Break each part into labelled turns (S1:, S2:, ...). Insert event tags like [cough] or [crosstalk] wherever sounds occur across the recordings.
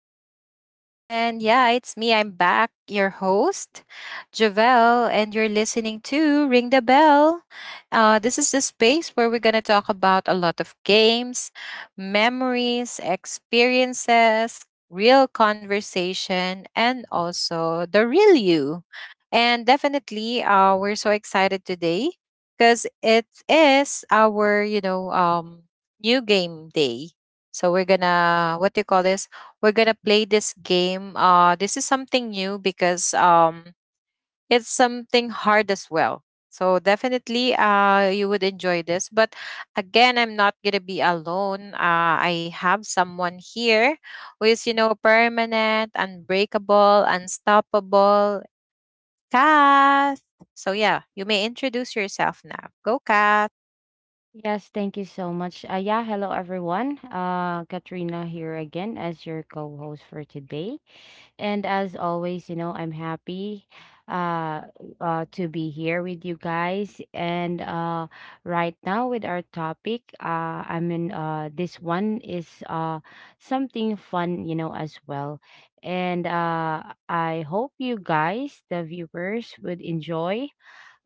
S1: the show. And yeah, it's me. I'm back, your host, Javelle, and you're listening to Ring the Bell. This is the space where we're going to talk about a lot of games, memories, experiences, real conversation, and also the real you. And definitely, we're so excited today because it is our, new game day, so we're gonna— what do you call this? We're gonna play this game. This is something new because it's something hard as well. So definitely you would enjoy this. But again, I'm not gonna be alone. I have someone here who is, you know, permanent, unbreakable, unstoppable, Kath. So yeah, you may introduce yourself now. Go, Kath.
S2: Yes, thank you so much. Yeah, hello everyone. Katrina here again as your co-host for today. And as always, you know, I'm happy uh, uh to be here with you guys. And right now with our topic, I mean this one is something fun, you know, as well. And I hope you guys, the viewers, would enjoy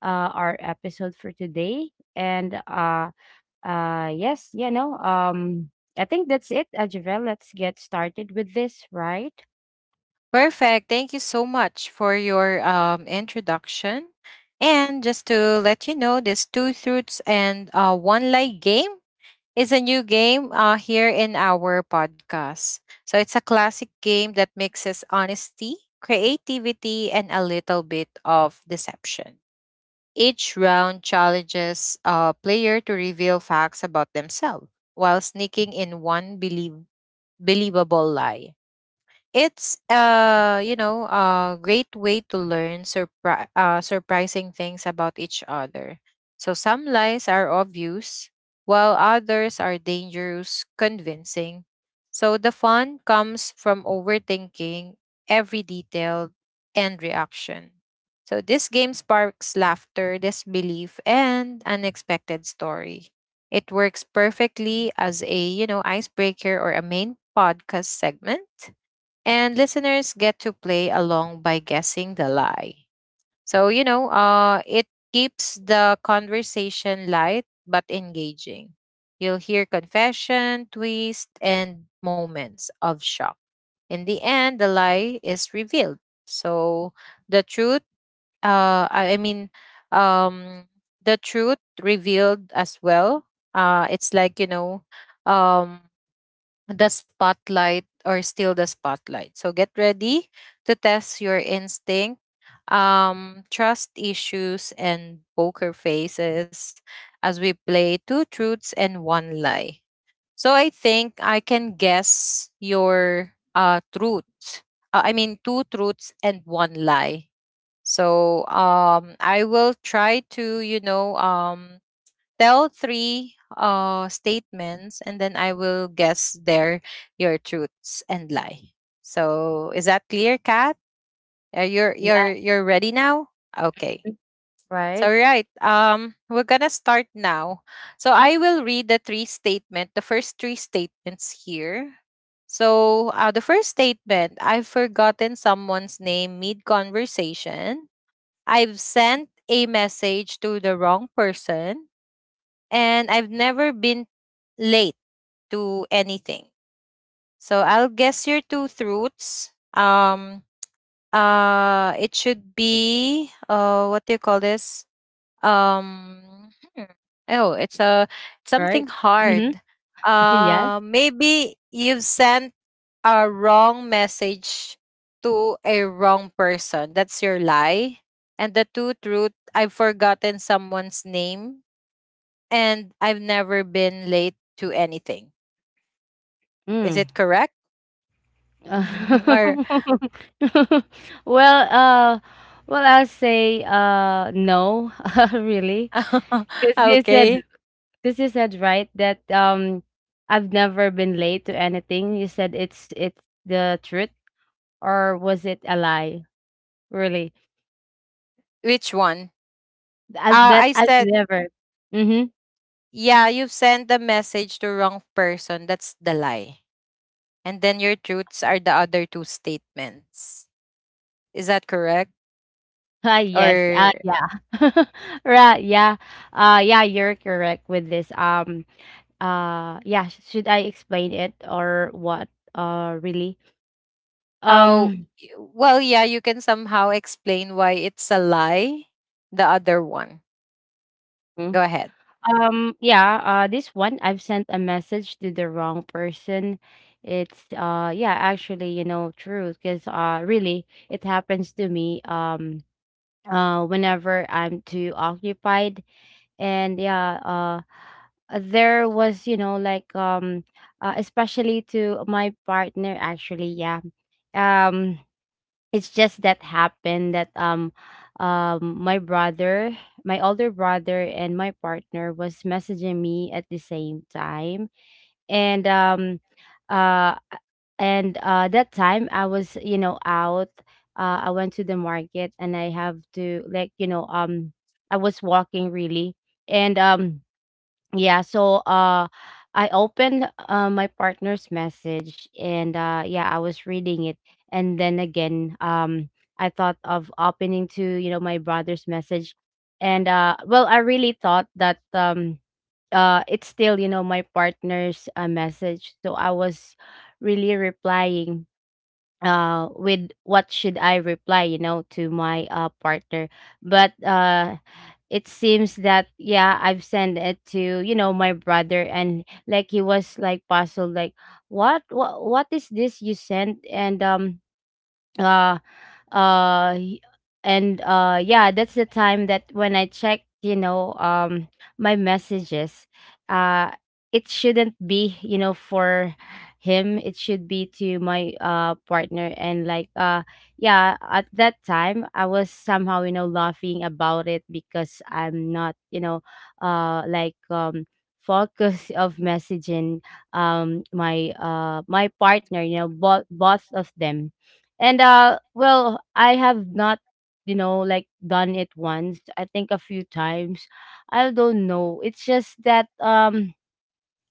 S2: our episode for today. And yes, you know, I think that's it, Javel. Let's get started with this, right?
S1: Perfect. Thank you so much for your, introduction. And just to let you know, this Two Truths and, One Lie game is a new game, here in our podcast. So it's a classic game that mixes honesty, creativity, and a little bit of deception. Each round challenges a player to reveal facts about themselves while sneaking in one believable lie. It's a great way to learn surprising things about each other. So some lies are obvious, while others are dangerous convincing. So the fun comes from overthinking every detail and reaction. So this game sparks laughter, disbelief, and unexpected story. It works perfectly as a icebreaker or a main podcast segment, and listeners get to play along by guessing the lie. So, it keeps the conversation light but engaging. You'll hear confession, twist, and moments of shock. In the end, the lie is revealed. So, the truth— I mean, um, the truth revealed as well. It's like, um, the spotlight, or still the spotlight. So get ready to test your instinct, trust issues, and poker faces as we play two truths and one lie. So I think I can guess your, truths. I mean, two truths and one lie. So I will try to, tell three statements, and then I will guess their your truths and lie. So is that clear, Kat? Are you're you're
S2: Yeah.
S1: you're ready now? Okay.
S2: Mhm.
S1: So
S2: Right,
S1: right. We're gonna start now. So I will read the three statement, the first three statements here. So, the first statement: I've forgotten someone's name mid conversation. I've sent a message to the wrong person, and I've never been late to anything. So I'll guess your two truths. It should be, what do you call this? Um hmm, oh, it's a—
S2: right.
S1: something
S2: Mm-hmm.
S1: hard.
S2: [laughs] Yes.
S1: Maybe you've sent a wrong message to a wrong person. That's your lie. And the two truth: I've forgotten someone's name, and I've never been late to anything. Is
S2: Mm.
S1: it correct?
S2: [laughs]
S1: [laughs] Or,
S2: well, uh, well, I'll say no, [laughs] really,
S1: [laughs]
S2: because you
S1: okay,
S2: said, right, that I've never been late to anything. You said it's the truth, or was it a lie? Really,
S1: which one?
S2: that
S1: I
S2: I've
S1: said,
S2: never. Mm-hmm.
S1: yeah, you've sent the message to wrong person. That's the lie. And then your truths are the other two statements. Is that correct?
S2: Ah, yes.
S1: Or—
S2: Yeah. [laughs] Right, yeah. Yeah, you're correct with this. Should I explain it or what? Really?
S1: oh,
S2: Um,
S1: well, yeah, you can somehow explain why it's a lie. The other one.
S2: Mhm.
S1: Go ahead.
S2: Yeah, this one, I've sent a message to the wrong person. It's yeah, actually, you know, true, because really, it happens to me. Whenever I'm too occupied, and yeah there was, you know, like, especially to my partner, actually. Yeah um it's just that happened that my brother, my older brother, and my partner was messaging me at the same time. and um uh and that time I was, you know, out. I went to the market and I have to, like, you know, I was walking, really. And Yeah, so I opened, my partner's message, and yeah, I was reading it. And then again, I thought of opening to, you know, my brother's message. And well, I really thought that it's still, you know, my partner's message, so I was really replying with what should I reply, you know, to my partner. But it seems that, yeah, I've sent it to, you know, my brother, and like, he was like puzzled, like, what is this you sent? And um uh uh y- and uh yeah, that's the time that when I checked, you know, my messages, uh it shouldn't be, you know, for him, it should be to my partner. And like, yeah, at that time, I was somehow, you know, laughing about it, because I'm not, you know, like, focus of messaging my my partner, you know, both of them. And well, I have not, you know, like, done it once. I think a few times. I don't know. It's just that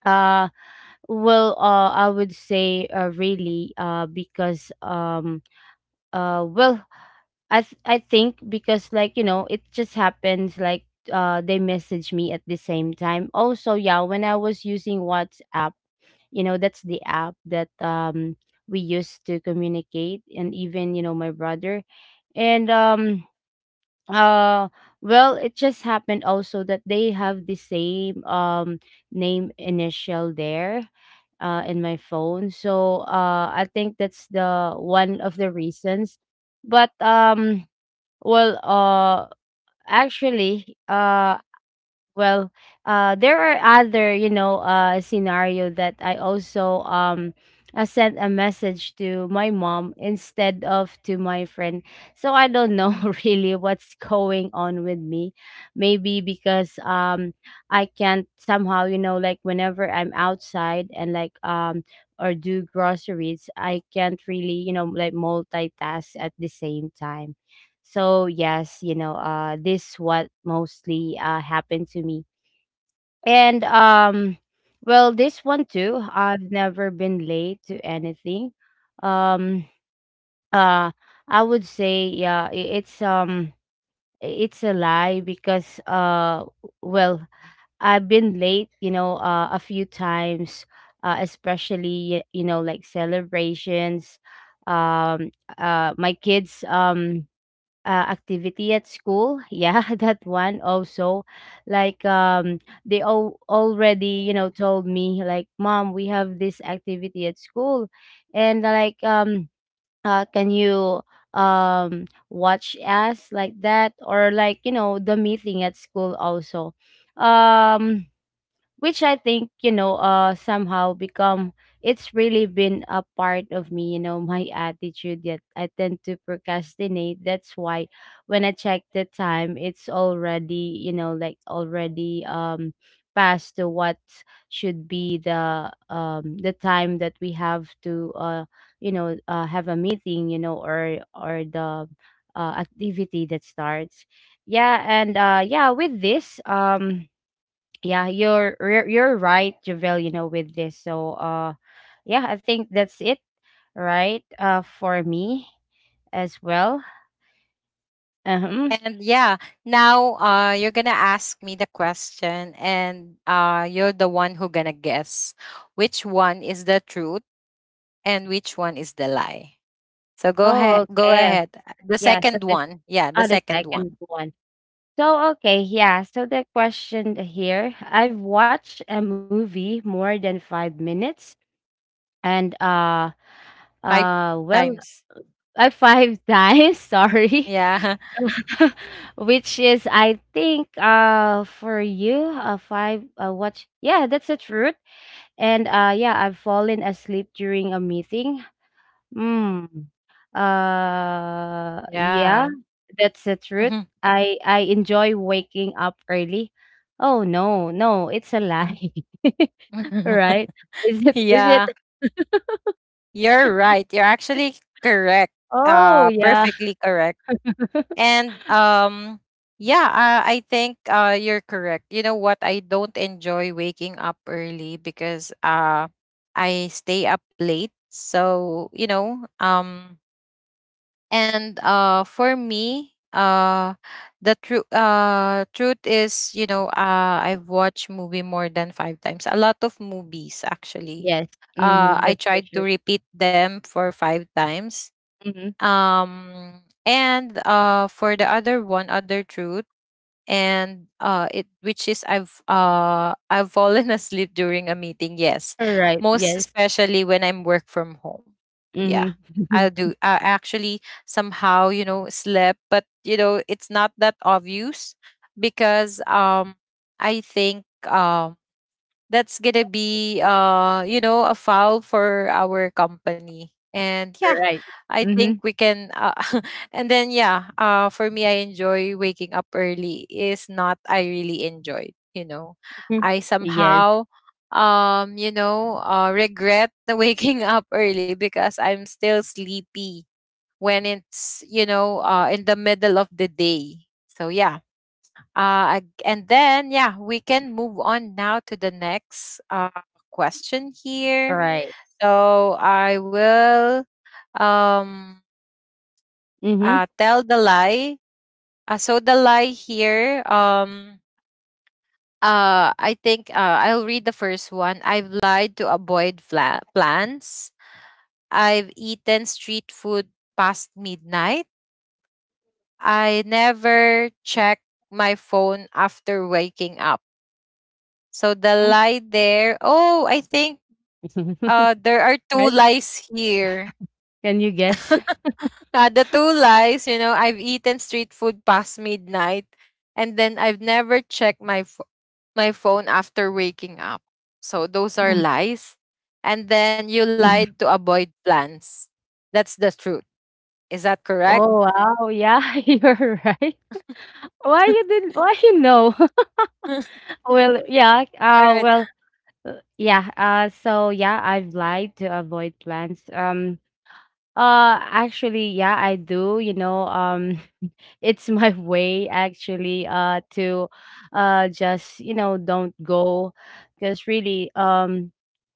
S2: uh I would say really, because uh well I think, because, like, you know, it just happens, like, they message me at the same time. Also, yeah, when I was using WhatsApp, you know, that's the app that we use to communicate, and even, you know, my brother. And uh well, it just happened also that they have the same name initial there in my phone, so I think that's the one of the reasons. But um well uh actually uh well, there are other, you know, scenario that I also I sent a message to my mom instead of to my friend. So I don't know [laughs] really what's going on with me. Maybe because I can't somehow, you know, like, whenever I'm outside, and like, or do groceries, I can't really, you know, like, multitask at the same time. So yes, you know, this what mostly happened to me. And Well, this one too, I've never been late to anything. Um, uh, I would say, yeah, it's a lie, because well, I've been late, you know, a few times, especially you know, like, celebrations. Um, my kids activity at school. Yeah, [laughs] that one also. Like um they all already, you know, told me, like, "Mom, we have this activity at school." And, can you watch us, like that? Or, like, you know, the meeting at school also. Um which I think, you know, somehow become, it's really been a part of me, you know, my attitude, that I tend to procrastinate. That's why when I check the time, it's already, you know, like, already past to what should be the time that we have to you know, have a meeting, you know, or the activity that starts. Yeah, with this, yeah, you're right, Javel, you know, with this. So yeah, I think that's it, right, for me as well. Uh-huh.
S1: And yeah, now, you're gonna ask me the question, and, you're the one who gonna guess which one is the truth and which one is the lie. So go
S2: Oh,
S1: ahead, go
S2: okay.
S1: ahead. The
S2: yeah so
S1: second
S2: the
S1: one, yeah, the
S2: Oh, the
S1: second
S2: second
S1: one,
S2: one. So, okay, yeah, so the question here, I've watched a movie more than 5 minutes, and
S1: five
S2: well
S1: times.
S2: five [laughs] times, sorry.
S1: Yeah,
S2: [laughs] Which is, I think, for you, five watch, yeah, that's the truth. And yeah, I've fallen asleep during a meeting. Mm.
S1: [laughs]
S2: Yeah,
S1: yeah,
S2: that's the truth.
S1: [laughs]
S2: I enjoy waking up early. Oh no, no, it's a lie. [laughs] Right, is it, is it?
S1: yeah. You're right. You're actually correct.
S2: Oh yeah.
S1: Perfectly correct. And yeah, I think you're correct. You know what? I don't enjoy waking up early because I stay up late. So, and for me, the true truth is, I've watched movie more than 5 times. A lot of movies actually.
S2: Yes. Mm-hmm,
S1: I
S2: that's for
S1: tried to
S2: sure.
S1: repeat them for 5 times,
S2: Mm-hmm.
S1: and for the other one, other truth. And It, which is, I've fallen [laughs] asleep during a meeting. Yes,
S2: All right,
S1: most
S2: yes.
S1: especially when I'm work from home. Yeah, I'll
S2: Mm-hmm.
S1: do I actually somehow, slept, but, you know, it's not that obvious because, I think, that's gonna
S2: [laughs]
S1: be, a foul for our company. And yeah,
S2: Right.
S1: I think
S2: Mhm.
S1: we can— [laughs] And then yeah, for me, I enjoy waking up early is not. I really enjoyed,
S2: Mhm.
S1: I
S2: [laughs] Yes,
S1: somehow— regret [laughs] the waking up early because I'm still sleepy when it's, in the middle of the day. So yeah, and then, yeah, we can move on now to the next, question here.
S2: right.
S1: So I will, um,
S2: Mhm.
S1: tell the lie. So the lie here, I think, I'll read the first one. I've lied to avoid plans. I've eaten street food past midnight. I never check my phone after waking up. So the
S2: Mm.
S1: lie there. Oh, I think—
S2: [laughs]
S1: There are two
S2: Right?
S1: lies here.
S2: Can you guess?
S1: The two lies, you know, I've eaten street food past midnight, and then I've never checked my my phone after waking up. So those are
S2: Mm.
S1: lies. And then you
S2: [laughs]
S1: lied to avoid plans. That's the truth. Is that correct?
S2: Oh, wow. Yeah, [laughs] you're right. Why you didn't, why, you know? [laughs]
S1: [laughs]
S2: Well, yeah,
S1: All
S2: uh,
S1: right.
S2: well, yeah, so, yeah, I've lied to avoid plans. Actually, yeah, I do, you know, [laughs] it's my way, actually, to, just, you know, don't go, because really, um,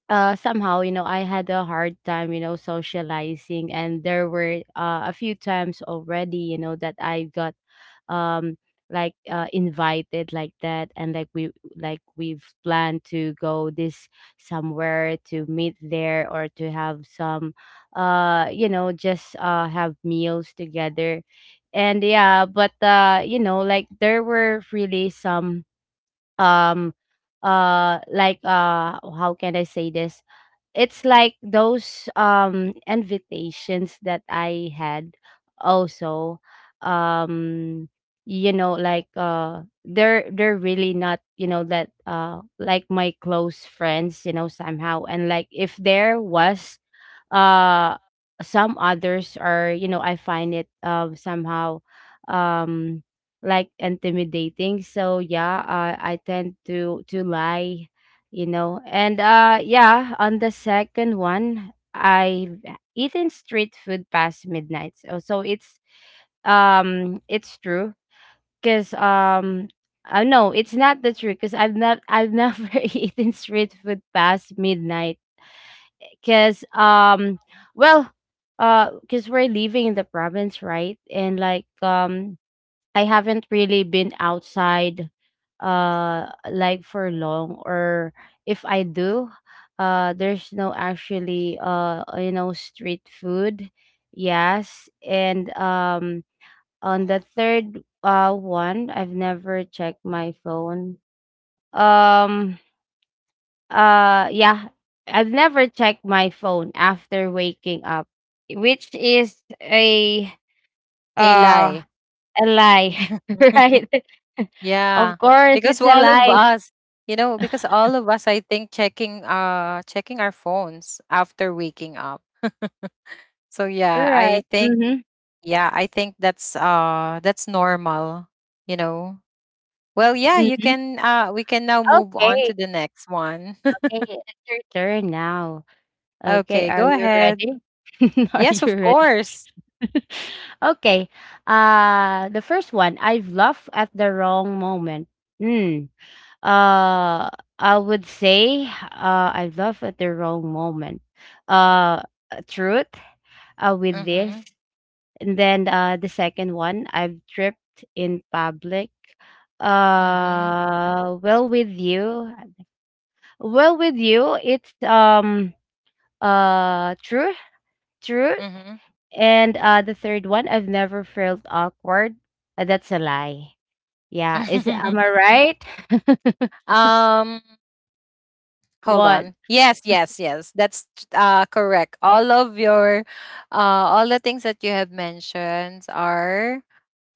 S2: uh somehow, you know, I had a hard time, you know, socializing, and there were a few times already, you know, that I got um invited, like that, and like we've planned to go this somewhere to meet there, or to have some you know, just have meals together. And yeah, but you know, like, there were really some um how can I say this, it's like those invitations that I had also, um you know, like, they're really not, you know, that like my close friends, you know, somehow. And like, if there was uh some others, are, you know, I find it somehow um like, intimidating. So yeah, I tend to lie, you know. And yeah, on the second one, I've eaten street food past midnight. So, it's true, cuz no, it's not the truth, cuz I've never [laughs] eaten street food past midnight, cuz um well cuz we're living in the province, right? And I haven't really been outside like, for long. Or if I do, there's no, actually, you know, street food. Yes. and On the third one, I've never checked my phone. um uh yeah I've never checked my phone after waking up, which is
S1: A
S2: uh
S1: lie.
S2: a lie, [laughs]
S1: [laughs]
S2: right? [laughs] Of
S1: Yeah,
S2: course,
S1: because
S2: it's a
S1: all of
S2: lie.
S1: us, you know, because all of us, I think, checking checking our phones after waking up. [laughs] So yeah,
S2: Right.
S1: I think,
S2: Mm-hmm.
S1: yeah, I think that's normal, you know. Well, yeah, you
S2: Hmm.
S1: can we can now move on
S2: Okay.
S1: to the next one.
S2: Okay. It's your turn now.
S1: [laughs]
S2: Okay.
S1: Okay,
S2: Are
S1: go
S2: you
S1: ahead.
S2: ready? [laughs] Are
S1: Yes,
S2: you
S1: of
S2: ready?
S1: course.
S2: [laughs] Okay. Uh, the first one. I've laughed at the wrong moment. Hmm. Uh I would say, I laugh at the wrong moment. Uh Truth with this.
S1: Mhm.
S2: And then, the second one, I've tripped in public.
S1: Mhm.
S2: Well, with you, it's true, true.
S1: Mhm.
S2: And the third one, I've never felt awkward. That's a lie. Yeah, is, am I
S1: [laughs]
S2: right? [laughs]
S1: um Hold
S2: What?
S1: on. Yes, yes, yes. That's correct. All of your all the things that you have mentioned are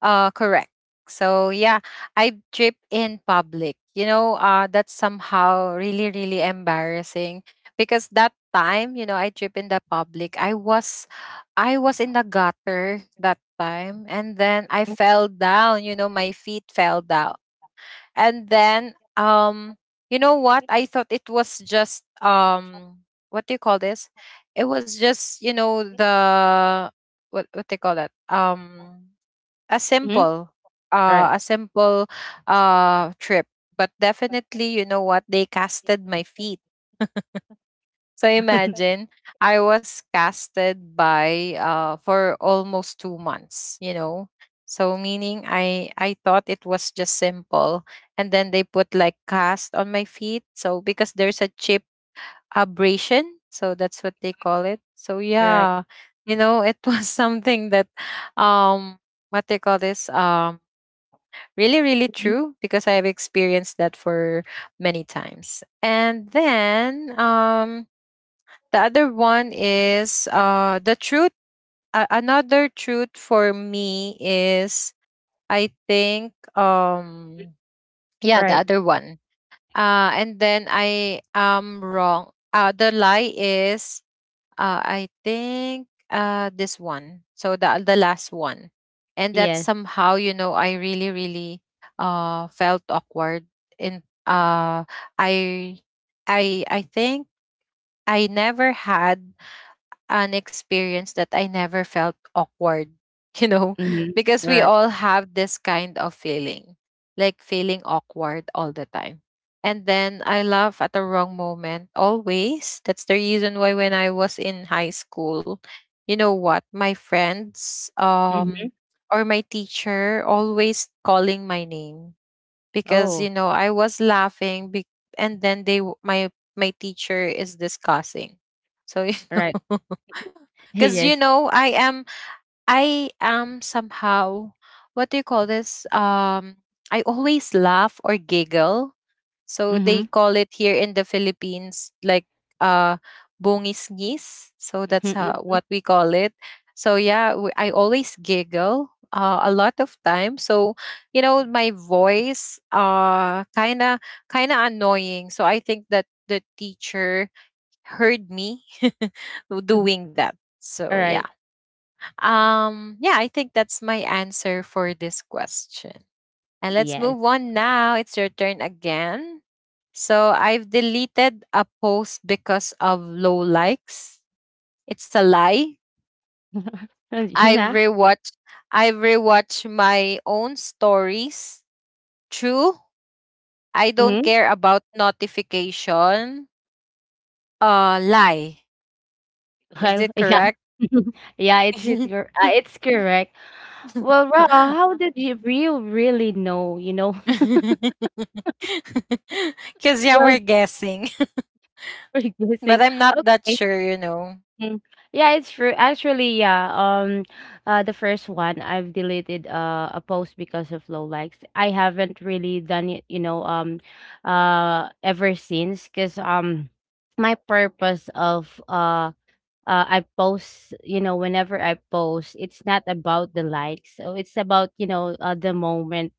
S1: correct. So yeah, I trip in public. You know, that's somehow really really embarrassing, because that time, you know, I trip in the public. I was in the gutter that time, and then I fell down, you know, my feet fell down. And then, you know what? I thought it was just, what do you call this? It was just, you know, the— what they call that? A
S2: Mhm.
S1: simple
S2: All right.
S1: a simple trip. But definitely, you know what? They casted my feet, so
S2: [laughs]
S1: imagine, I was casted by for almost 2 months, you know. So meaning, I thought it was just simple. And then they put like cast on my feet, so because there's a chip abrasion. So that's what they call it. So
S2: All right.
S1: yeah, you know, it was [laughs] something that, um what they call this, really really true,
S2: Mhm.
S1: because I have experienced that for many times. And then, the other one is the truth. Another truth for me is— I think, yeah,
S2: Right.
S1: the other one. And then I am wrong. The lie is— I think, this one. So the last one. And that
S2: Yes.
S1: somehow, you know, I really really felt awkward in— I I think I never had an experience that I never felt awkward, [laughs] you know,
S2: Mm-hmm.
S1: because we
S2: Right.
S1: all have this kind of feeling, like feeling awkward all the time. And then I laugh at the wrong moment always. That's the reason why when I was in high school, you know what, my friends,
S2: Hmm.
S1: or my teacher, always calling my name because,
S2: Oh.
S1: you know, I was and then my teacher is discussing. So you [laughs]
S2: Right.
S1: know,
S2: [laughs]
S1: because, you
S2: Yes.
S1: know, I am somehow— what do you call this, I always laugh or giggle, so they
S2: Mhm.
S1: call it here in the Philippines like, uh bongisngis. So that's
S2: Mhm,
S1: how—
S2: mhm,
S1: what we call it. So yeah, I always giggle, a lot of time. So you know my voice kind of— kind of annoying. So I think that the teacher heard me [laughs]
S2: mhm.
S1: doing that. So
S2: Alright.
S1: yeah. Yeah, I think that's my answer for this question. And let's
S2: Yes.
S1: move on now. It's your turn again. So I've deleted a post because of low likes. It's a lie.
S2: [laughs]
S1: I've
S2: Nah. Yeah.
S1: rewatched I've rewatched my own stories. True. I don't
S2: Mhm.
S1: care about notification. Lie. Is
S2: Well,
S1: it
S2: yeah.
S1: correct?
S2: [laughs] Yeah,
S1: [laughs]
S2: it's correct. Well, Ra, how did you, really know, you know? [laughs]
S1: Cause yeah, we're
S2: Well,
S1: guessing.
S2: [laughs] we're
S1: [laughs] But
S2: guessing.
S1: I'm not that
S2: Okay.
S1: sure, you know.
S2: Mm. Yeah, it's true. Actually, yeah. The first one, I've deleted a post because of low likes. I haven't really done it, you know, ever since, cause my purpose of I post, you know, whenever I post, it's not about the likes. So it's about, you know, the moment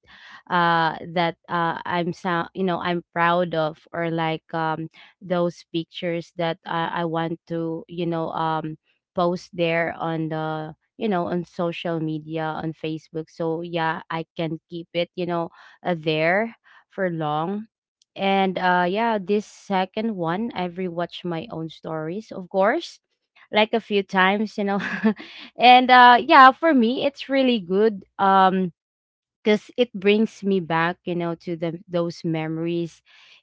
S2: that I'm, so, you know, I'm proud of, or like, those pictures that I want to, you know, post there on the, you know, on social media, on Facebook. So yeah, I can keep it, you know, there for long. And yeah, this second one, I've rewatched my own stories, of course, like, a few times, you know. [laughs] For me it's really good. Because it brings me back, to the those memories.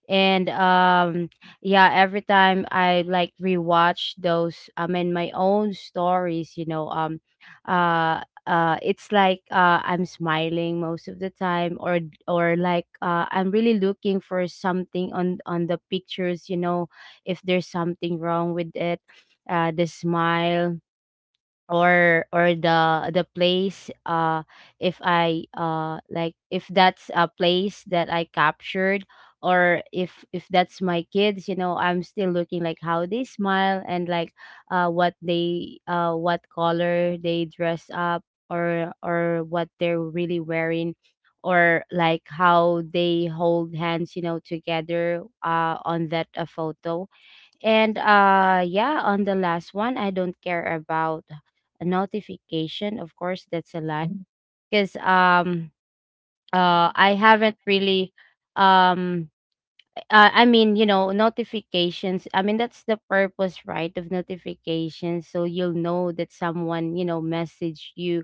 S2: And yeah every time I, like, rewatch those, I mean, my own stories, uh it's like, I'm smiling most of the time, or like, I'm really looking for something on the pictures, you know, if there's something wrong with it, the smile, or the place. If I, like, if that's a place that I captured, or if that's my kids, you know, I'm still looking like how they smile, and like, what they, what color they dress up, or what they're really wearing, or like how they hold hands, you know, together, on that photo. And on the last one, I don't care about a notification. Of course, that's a lie. Because I haven't really, um I mean, you know, notifications. I mean, that's the purpose, right, of notifications. So you'll know that someone, you know, messaged you.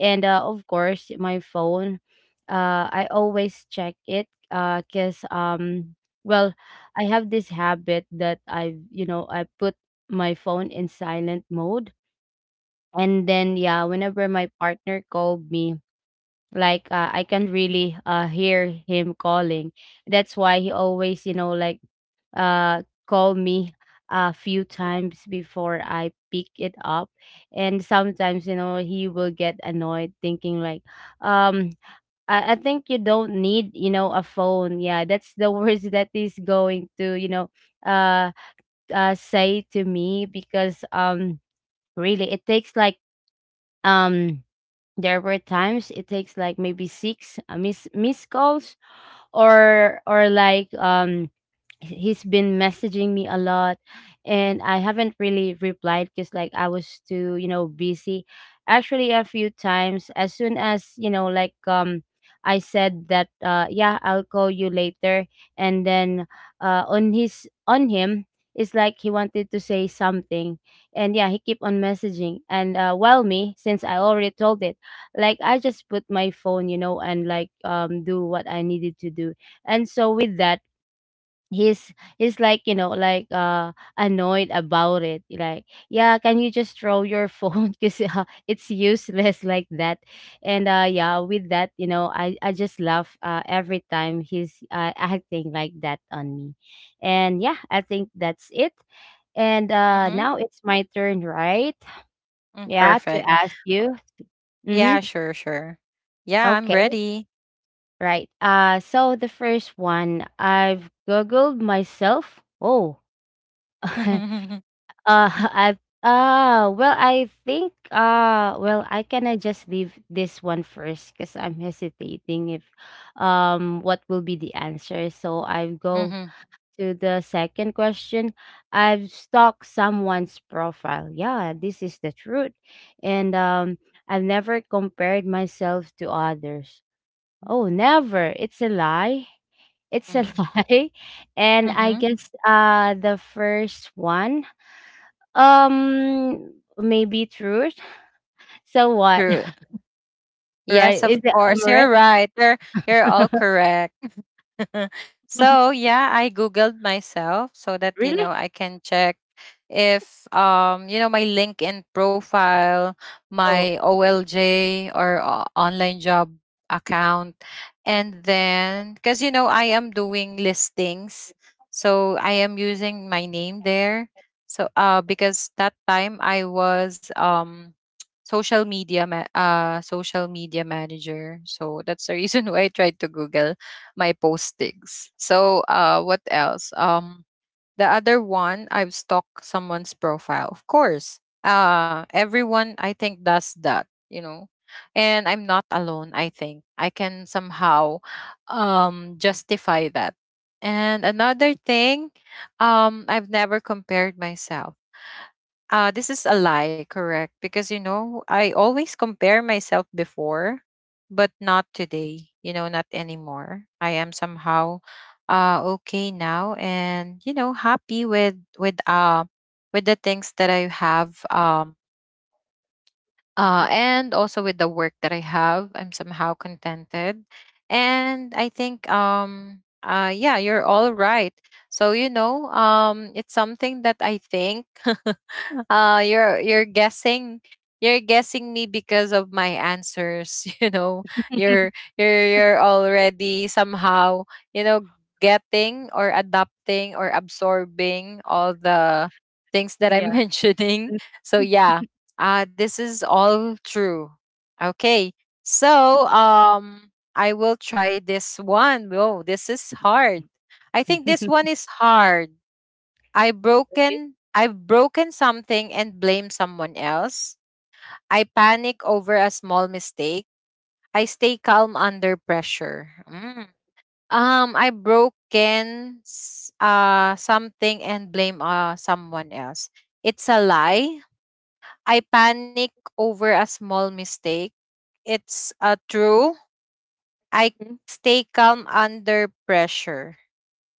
S2: And of course, my phone, I always check it, because, well, I have this habit that I, you know, I put my phone in silent mode. And then, yeah, whenever my partner called me, like, I can really, hear him calling. That's why he always, you know, like, call me a few times before I pick it up. And sometimes, you know, he will get annoyed thinking like, um, I think you don't need, you know, a phone. Yeah, that's the [laughs] worst that is going to, uh, say to me. Because really it takes like, um there were times it takes like maybe six miss miss calls, or like, he's been messaging me a lot, and I haven't really replied because, like, I was too, you know, busy. Actually, a few times, as soon as, I said that, yeah, I'll call you later, and then, on his, on him, it's like he wanted to say something, and yeah, he keep on messaging. And well, me, since I already told it, like, I just put my phone, you know, and like, do what I needed to do. And so with that, he's he's like, you know, like, annoyed about it. Like, yeah, can you just throw your phone? [laughs] Because it's useless like that. And with that, you know, I just laugh, every time he's, acting like that on me. And yeah, I think that's it. And
S1: Mm-hmm.
S2: now it's my turn, right?
S1: Mm.
S2: Yeah, to
S1: Perfect.
S2: ask you. Mm-hmm.
S1: Yeah, sure, sure. Yeah, I'm
S2: Okay.
S1: ready.
S2: Right. So the first one, I've googled myself. Oh. [laughs]
S1: Mhm,
S2: [laughs] I think, I can, I just leave this one first, because I'm hesitating if, what will be the answer. So I go
S1: mhm,
S2: to the second question. I've stalked someone's profile. Yeah, this is the truth. And I've never compared myself to others. Oh, never. It's a lie. It's a
S1: mhm,
S2: [laughs] lie. And I
S1: mhm.
S2: guess, the first one, um, maybe truth. [laughs] So what?
S1: True.
S2: [laughs]
S1: Yes,
S2: Right? Is
S1: of
S2: it
S1: course.
S2: Amaret?
S1: You're right. You're all
S2: [laughs]
S1: correct. [laughs] So yeah, I googled myself so that you
S2: Really?
S1: know I can check if, you know, my LinkedIn profile,
S2: Oh.
S1: my OLJ, or, online job account, and then because you know I am doing listings, so I am using my name there. So because that time I was social media social media manager, so that's the reason [laughs] why I tried to google my postings. So what else? The other one, I've stalked someone's profile. Of course, everyone I think does that, you know, and I'm not alone. I think I can somehow justify that. And another thing, I've never compared myself. This is a lie, correct? Because you know, I always compare myself before, but not today. You know, not anymore. I am somehow okay now and you know, happy with with the things that I have,
S2: Mhm.
S1: and also with the work that I have, I'm somehow contented. And I think, yeah, you're all right. So you know, it's something that I think [laughs] you're guessing you're guessing me because of my answers. [laughs] You know, you're you're already somehow, you know, getting or adapting or absorbing all the things that I'm [laughs]
S2: Yeah.
S1: mentioning. So yeah, this is all true. Okay. So, I will try this one. Whoa, this is hard. I think this one is hard. I've broken something and blame someone else. I panic over a small mistake. I stay calm under pressure. Mm. I broken something and blame someone else. It's a lie. I panic over a small mistake. It's a true. I
S2: Mhm.
S1: stay calm under pressure.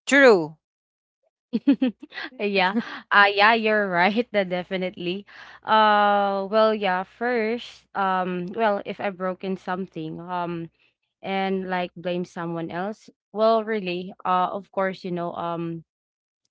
S1: True.
S2: [laughs] Yeah. Yeah, you're right. [laughs] That definitely. Well, yeah, first, well, if I've broken something, and like blame someone else, well, really, of course, you know,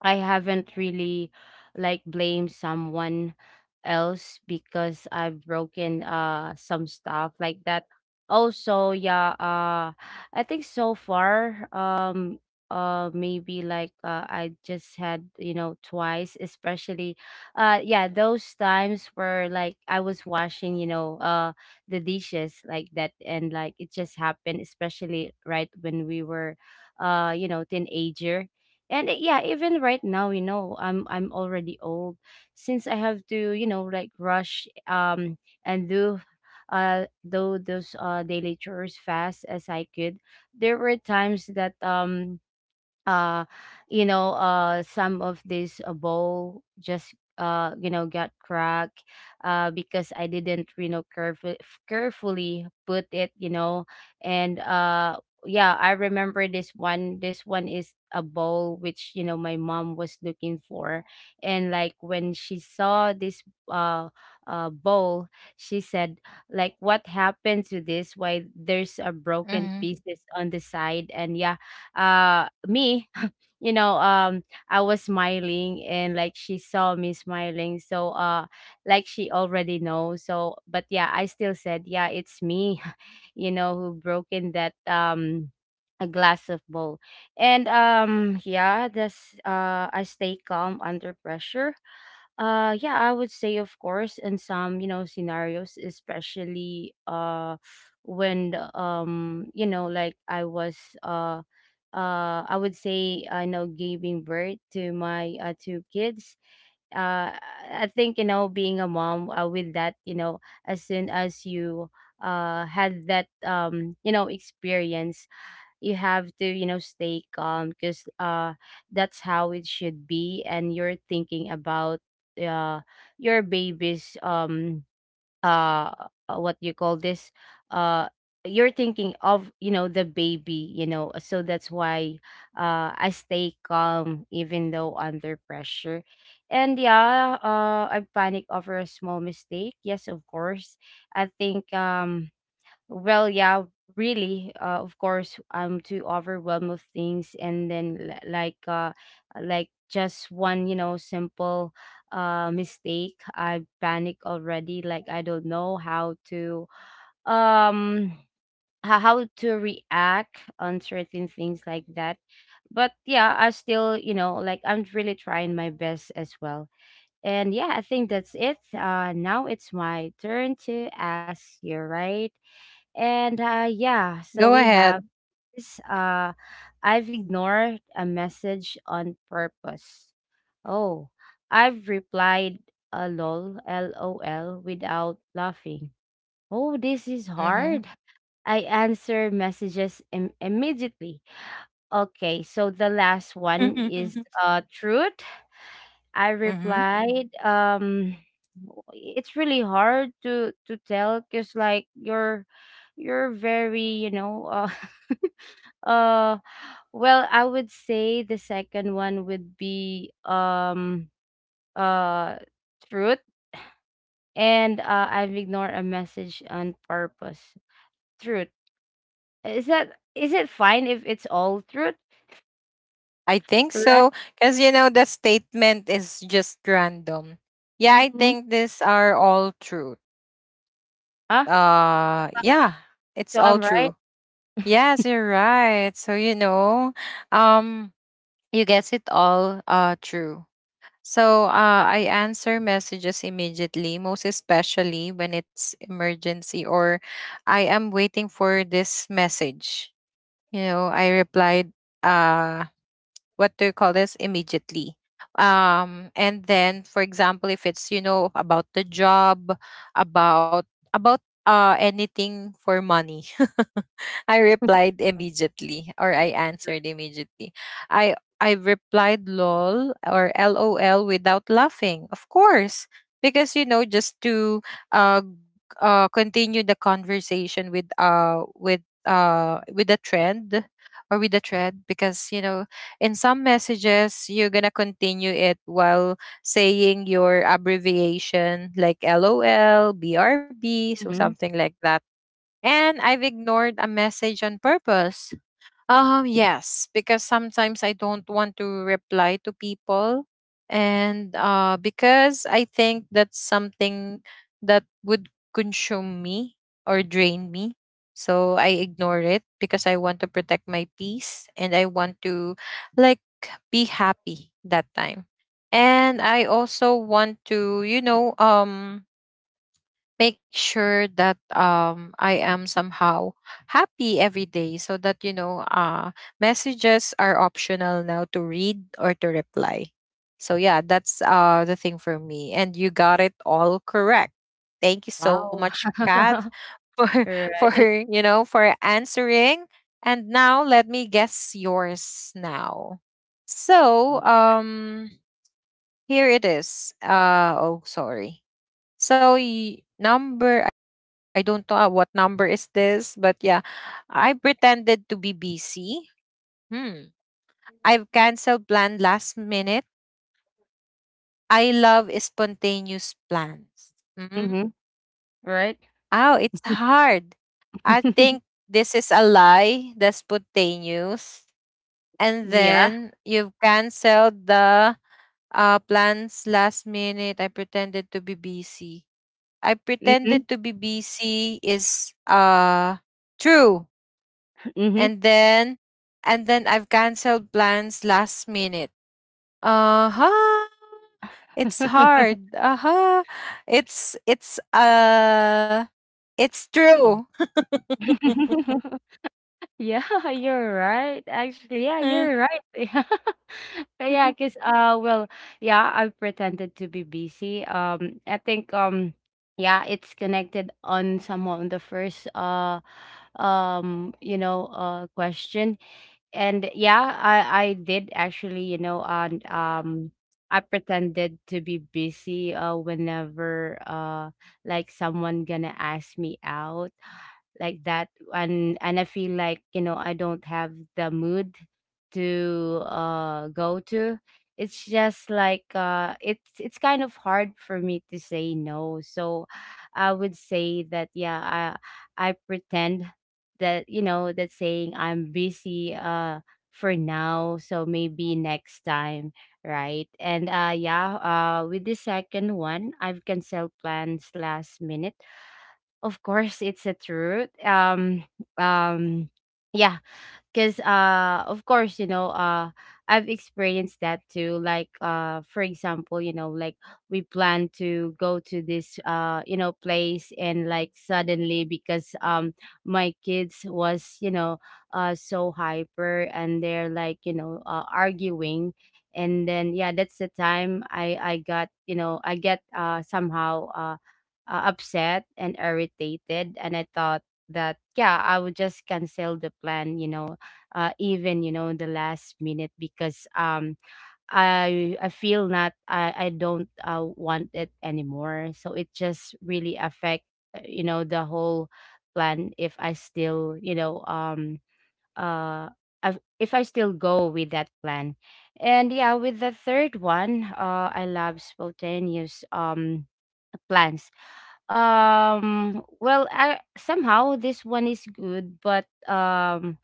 S2: I haven't really like blamed someone else because I've broken some stuff like that. Also, yeah, I think so far, maybe like, I just had, you know, twice. Especially, yeah, those times where, like, I was washing, you know, the dishes like that, and like it just happened, especially right when we were, you know, teenager. And yeah, even right now, you know, I'm already old. Since I have to, you know, like, rush and do, do those daily chores fast as I could, there were times that, uh you know, some of this, bowl just, you know, got cracked, because I didn't, you know, carefully put it, you know. And yeah, I remember this one. This one is a bowl which, you know, my mom was looking for. And like, when she saw this, uh bowl, she said, like, what happened to this? Why there's a broken
S1: Mm-hmm.
S2: pieces on the side? And yeah, me, [laughs] you know, I was smiling, and like she saw me smiling, so, like she already knows. So, but yeah, I still said, yeah, it's me, [laughs] you know, who broken that, a glass of bowl. And yeah, that's, I stay calm under pressure. Yeah, I would say, of course, in some, you know, scenarios. Especially, when, you know, like, I was, uh I would say, I know, giving birth to my, two kids. Uh I think, you know, being a mom, with that, you know, as soon as you, had that, you know, experience, you have to, you know, stay calm, because, that's how it should be. And you're thinking about, uh your baby's, uh what you call this, uh you're thinking of, you know, the baby, you know. So that's why, I stay calm even though under pressure. And yeah, I panic over a small mistake. Yes, of course. I think, well, yeah, really. Of course, I'm too overwhelmed with things, and then, like, like just one, you know, simple, mistake, I panic already. Like, I don't know how to, um, how to react on certain things like that. But yeah, I still, you know, like, I'm really trying my best as well. And yeah, I think that's it. Now it's my turn to ask you, right? And yeah, so
S1: Go
S2: we have
S1: ahead.
S2: this. I've ignored a message on purpose. Oh, I've replied a lol, lol, without laughing. Oh, this is
S1: Mm-hmm.
S2: hard. I answer messages immediately. Okay, so the last one is,
S1: [laughs]
S2: truth. I
S1: Mm-hmm.
S2: replied, it's really hard to tell, because like you're very, you know, [laughs] uh well, I would say the second one would be, uh truth. And I've ignored a message on purpose, truth. Is that, is it fine if it's all truth?
S1: I think
S2: Right.
S1: so. Because, you know, the statement is just random. Yeah, I
S2: Mm-hmm.
S1: think these are all true.
S2: Ah.
S1: Yeah, it's
S2: So
S1: all
S2: I'm
S1: true.
S2: right?
S1: Yes, you're right. So, you know, um, you guess it all true. So I answer messages immediately, most especially when it's emergency or I am waiting for this message. You know, I replied uh what do you call this, immediately, and then for example, if it's you know about the job, about about anything for money, [laughs] I replied immediately or I answered immediately. I replied lol or lol without laughing, of course, because you know, just to uh g- continue the conversation with with a trend or with a thread, because you know, in some messages, you're going to continue it while saying your abbreviation like LOL, BRB, so
S2: Mm-hmm.
S1: something like that. And I've ignored a message on purpose. Yes, because sometimes I don't want to reply to people. And because I think that's something that would consume me or drain me. So I ignore it because I want to protect my peace and I want to, like, be happy that time. And I also want to, you know, make sure that I am somehow happy every day, so that, you know, messages are optional now to read or to reply. So, yeah, that's the thing for me. And you got it all correct. Thank you so
S2: Wow.
S1: much, Kat,
S2: [laughs]
S1: [laughs] for, for
S2: Right.
S1: you know, for answering. And now let me guess yours now. So,
S2: Yeah.
S1: here it is. Oh, sorry. So number, I don't know what number is this, but yeah, I pretended to be busy. Hmm. I've canceled plan last minute. I love spontaneous plans. Mm.
S2: Mm-hmm. Right.
S1: Oh, it's hard. I think
S2: [laughs]
S1: this is a lie, the spontaneous. And
S2: Yeah.
S1: then you've canceled the plans last minute. I pretended to be busy. I
S2: Mhm.
S1: pretended to be busy is true.
S2: Mhm.
S1: And then I've canceled plans last minute. Uh-huh. It's hard. Uh-huh. It's it's true.
S2: [laughs] Yeah, you're right. Actually, yeah, you're
S1: [laughs]
S2: right. [laughs] Yeah. Yeah, cause, well, yeah, I pretended to be busy. I think, yeah, it's connected on somehow on the first, you know, question. And yeah, I did actually, you know. And I pretended to be busy, whenever, like, someone gonna ask me out like that. And I feel like, you know, I don't have the mood to, go to. It's just like, it's kind of hard for me to say no. So I would say that, yeah, I pretend, that, you know, that saying I'm busy, for now, so maybe next time. Right. And with the second one, I've canceled plans last minute, of course, it's a truth. Um yeah, because, of course, you know, I've experienced that too. Like, for example, you know, like, we plan to go to this, you know, place, and, like, suddenly because, my kids was, you know, so hyper, and they're, like, you know, arguing. And then, yeah, that's the time I got, you know, I get, somehow, upset and irritated, and I thought that, yeah, I would just cancel the plan, you know, even, you know, in the last minute, because, I feel not, I don't, want it anymore. So it just really affect, you know, the whole plan if I still, you know, uh I if I still go with that plan. And yeah, with the third one, I love spontaneous plans. Well, I somehow this one is good, but,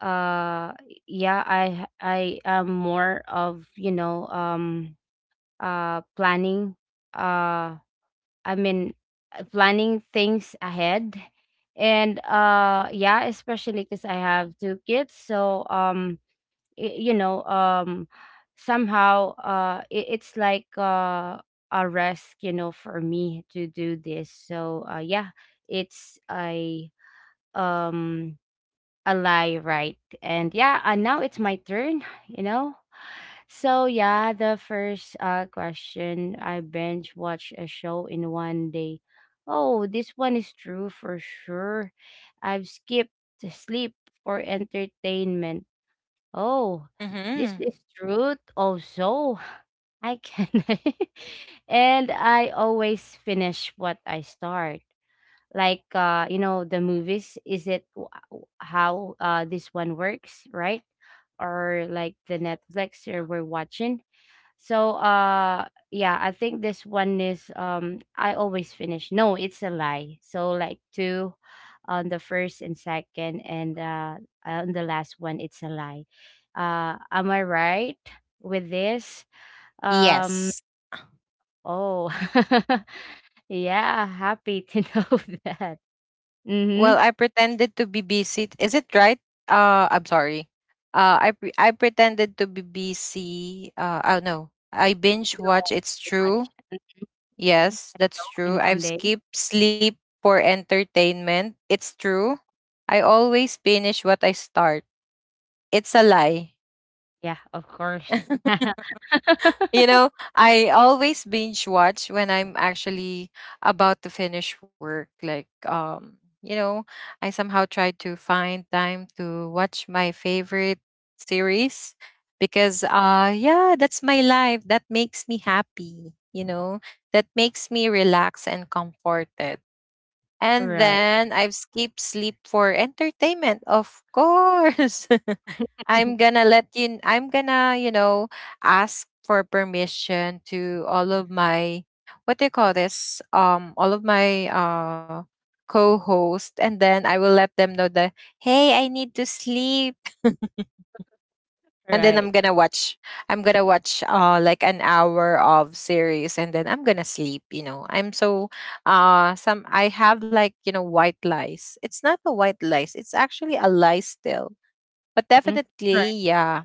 S2: uh yeah, I am more of, you know, planning, uh i mean planning things ahead. And yeah, especially because I have two kids, so, you know, somehow, it, it's like, a risk, you know, for me to do this. So, yeah, it's, I um a lie, right? And yeah, and now it's my turn, you know? So yeah, the first question, I binge watch a show in one day. Oh, this one is true for sure. I've skipped sleep for entertainment. Oh, this
S1: Mhm.
S2: is truth also. [laughs] I can [laughs] and I always finish what I start, like you know, the movies, is it how this one works, right? Or like the Netflix or we're watching. so uh yeah, I think this one is I always finish, no, it's a lie. So like two on the first and second, and on the last one it's a lie. Am I right with this? um
S1: Yes.
S2: oh, [laughs] yeah, happy to [laughs] know that.
S1: Well,
S2: Mm-hmm.
S1: I pretended to be busy. Is it right? Uh, I'm sorry. Uh, I pretended to be busy. Uh, oh no. I binge
S2: You
S1: watch.
S2: know,
S1: It's true.
S2: watch
S1: Yes,
S2: a
S1: that's
S2: show in
S1: true.
S2: one
S1: I've
S2: day?
S1: skipped sleep for entertainment. It's true. I always finish what I start. It's a lie.
S2: Yeah, of course.
S1: [laughs] You
S2: [laughs]
S1: know, I always binge watch when I'm actually about to finish work. Like, you know, I somehow tried to find time to watch my favorite series because, yeah, that's my life. That makes me happy. You know, that makes me relaxed and comforted. And
S2: Right.
S1: then I've skipped sleep for entertainment, of course. [laughs]
S2: [laughs]
S1: I'm gonna let you, I'm gonna, you know, ask for permission to all of my, what do you call this? All of my co host. And then I will let them know that, hey, I need to sleep. [laughs] And then I'm
S2: Right.
S1: gonna watch, I'm gonna watch like an hour of series, and then I'm gonna sleep, you know. I'm so some I have, like, you know, white lies. It's not a white lies, it's actually a lie still. But
S2: Mhm. Right.
S1: definitely, yeah,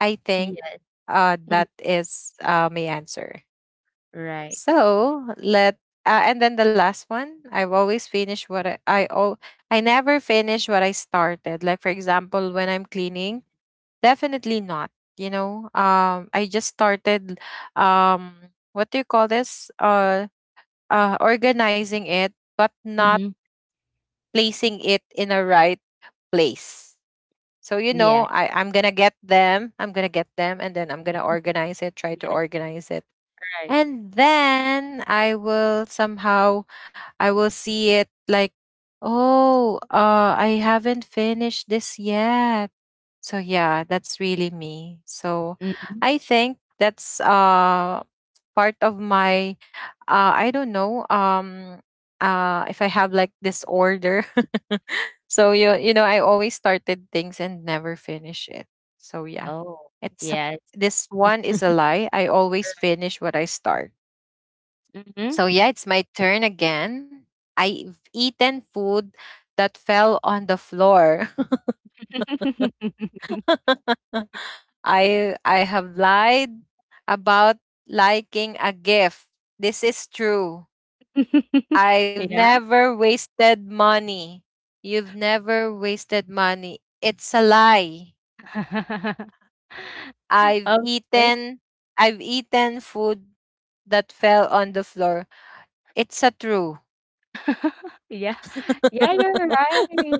S1: I think
S2: Yes. Mm.
S1: that is my answer.
S2: Right.
S1: So let and then the last one, I never finish what I started. Like for example, when I'm cleaning, definitely not. You know, I just started, um, what do you call this? Organizing it, but not
S2: Mhm.
S1: placing it in a right place. So you
S2: Yeah.
S1: know, I I'm gonna get them. I'm gonna get them, and then I'm gonna organize it. Try to
S2: Yes,
S1: organize it,
S2: right.
S1: and then I will somehow, I will see it like, oh, I haven't finished this yet, so yeah, that's really me. So
S2: Mhm.
S1: I think that's part of my I don't know, if I have like disorder. [laughs] So you know, I always started things and never finish it. So yeah.
S2: Oh,
S1: It's a,
S2: yes.
S1: this one is a lie. I always finish what I start.
S2: Mhm.
S1: So yeah, it's my turn again. I've eaten food that fell on the floor.
S2: [laughs]
S1: [laughs] I have lied about liking a gift. This is true. I've
S2: Yes.
S1: never wasted money. You've never wasted money. It's a lie.
S2: [laughs]
S1: I've
S2: Okay.
S1: eaten I've eaten food that fell on the floor. It's a true.
S2: [laughs] Yeah. Yeah,
S1: [laughs]
S2: you're right.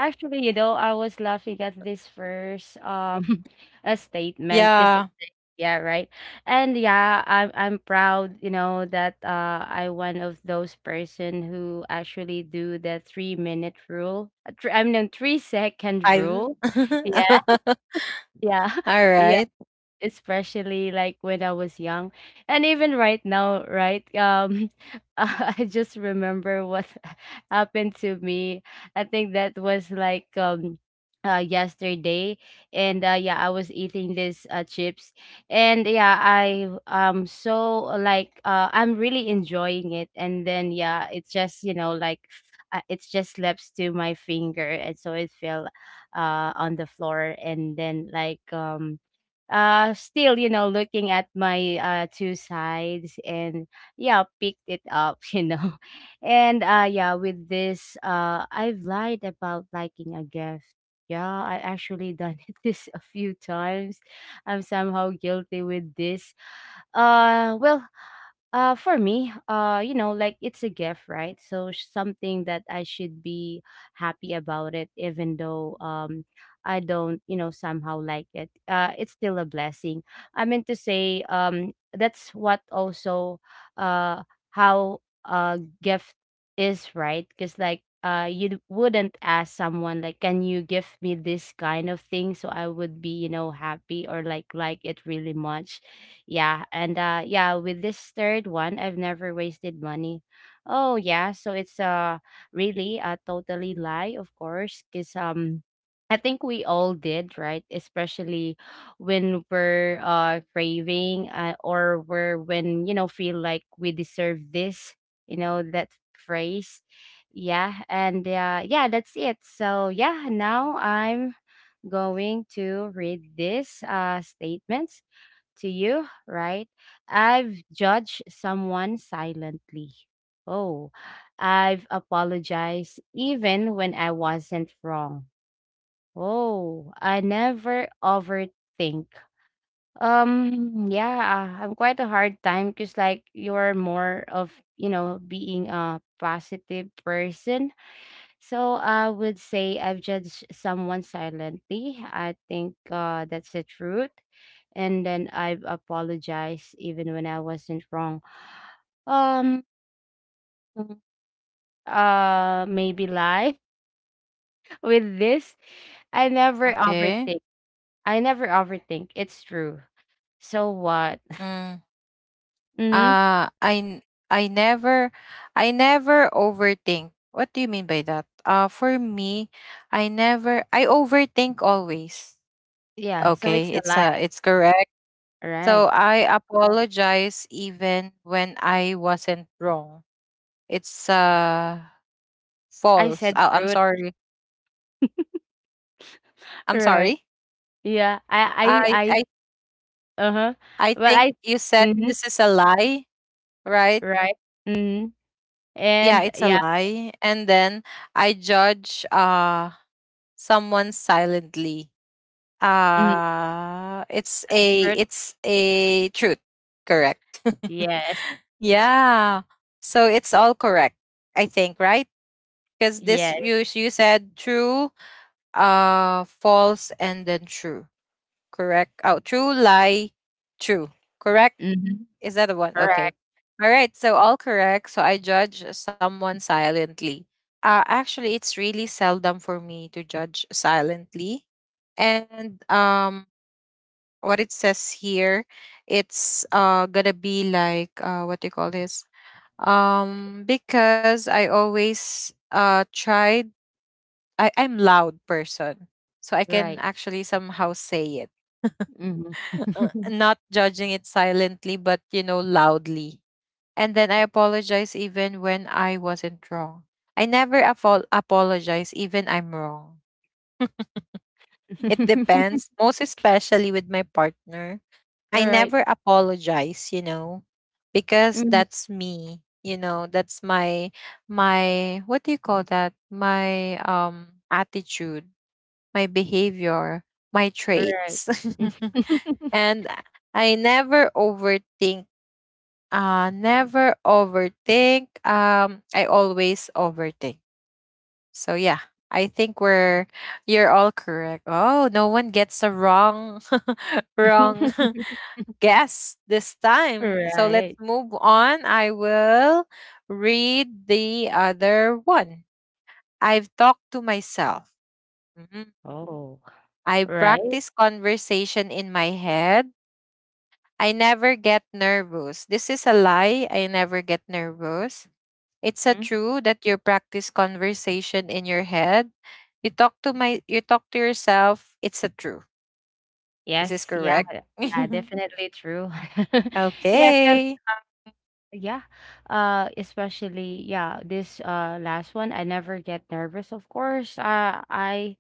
S2: Actually, you know, I was laughing at this first [laughs] a statement, because
S1: Yeah.
S2: yeah, right. And yeah, I'm proud, you know, that I, one of those person who actually do the 3 minute rule. I mean 3 second
S1: I
S2: rule. Yeah,
S1: [laughs]
S2: [laughs] yeah,
S1: All
S2: [laughs] yeah,
S1: right.
S2: especially like when I was young, and even right now, right? [laughs] I just remember what [laughs] happened to me. I think that was like yesterday. And Yeah, I was eating these chips, and yeah, I so like I'm really enjoying it, and then yeah, it's just, you know, like it's just slips to my finger, and so it fell on the floor, and then like still, you know, looking at my two sides, and yeah, picked it up [laughs] you know. And Yeah, with this, I've lied about liking a gift. Yeah, I actually done [laughs] it this a few times. I'm somehow guilty with this. Well, for me, you know, like, it's a gift, right? So something that I should be happy about it, even though I don't, you know, somehow like it. It's still a blessing. I mean to say, that's what also uh how gift is, right? Because like you wouldn't ask someone like, can you give me this kind of thing so I would be, you know, happy or like it really much. Yeah, and yeah, with this third one, I've never wasted money. Oh yeah, so it's really a totally lie, of course, because I think we all did, right? Especially when we're craving, or we're, when you know, feel like we deserve this, you know, that phrase. Yeah, and yeah, that's it. So yeah, now I'm going to read this statement to you, right? I've judged someone silently. Oh, I've apologized even when I wasn't wrong. Oh, I never overthink. Yeah, I'm quite a hard time, because like you're more of, you know, being a positive person, so I would say I've judged someone silently. I think that's the truth. And then I've apologized even when I wasn't wrong. Um maybe lie [laughs] with this. I never
S1: Okay.
S2: overthink. I never overthink. It's true. So what?
S1: Mm.
S2: Mm-hmm.
S1: Uh, I n- I never I never overthink. What do you mean by that? For me, I never I overthink always.
S2: Yeah, so
S1: Okay,
S2: it's a lie.
S1: it's correct. So
S2: Right.
S1: I apologize even when I wasn't wrong. It's
S2: I
S1: false.
S2: said
S1: I'm
S2: truth.
S1: sorry. I'm
S2: Right.
S1: sorry.
S2: Yeah. I
S1: I
S2: I I
S1: I
S2: uh-huh.
S1: I
S2: But
S1: think
S2: I
S1: you said
S2: mm-hmm.
S1: this is a lie, right?
S2: Right. Mm-hmm.
S1: Yeah,
S2: And
S1: it's a
S2: yeah.
S1: lie. And then I judge someone silently.
S2: Mm, uh, fruit.
S1: It's a truth, correct? [laughs]
S2: Yes,
S1: Yeah. So it's all correct, I think, right? Because this
S2: yes.
S1: you, you said true, false, and then true, correct? Oh, true, lie, true, correct?
S2: Mhm.
S1: Is that the one?
S2: Right,
S1: Okay. All right. So all correct. So I judge someone silently. Actually, it's really seldom for me to judge silently. And what it says here, it's gonna be like what do you call this? Because I always tried. I'm loud person, so I can
S2: right.
S1: actually somehow say it,
S2: Mhm.
S1: [laughs] not judging it silently, but you know loudly, and then I apologize even when I wasn't wrong. I never apol apologize even I'm wrong. It
S2: [laughs]
S1: depends, most especially with my partner. I
S2: Right.
S1: never apologize, you know, because
S2: Mhm.
S1: that's me. You know, that's my what do you call that? My attitude, my behavior, my
S2: Right.
S1: traits. [laughs]
S2: [laughs]
S1: And I never overthink. Never overthink. I always overthink. So yeah, I think we're, you're all correct. Oh, no one gets a wrong [laughs] wrong [laughs] guess this time. So let's
S2: Right.
S1: move on. I will read the other one. I've talked to myself. Mhm.
S2: Oh,
S1: I
S2: right.
S1: practice conversation in my head. I never get nervous. This is a lie. I never get nervous. It's a
S2: Mhm.
S1: true that you practice conversation in your head. You talk to my, you talk to yourself. It's a true. Is this
S2: Yes. Yeah.
S1: correct? [laughs]
S2: Yeah. Definitely true. [laughs] Yeah. 'Cause
S1: Okay.
S2: yeah. Especially yeah, this last one, I never get nervous, of course. I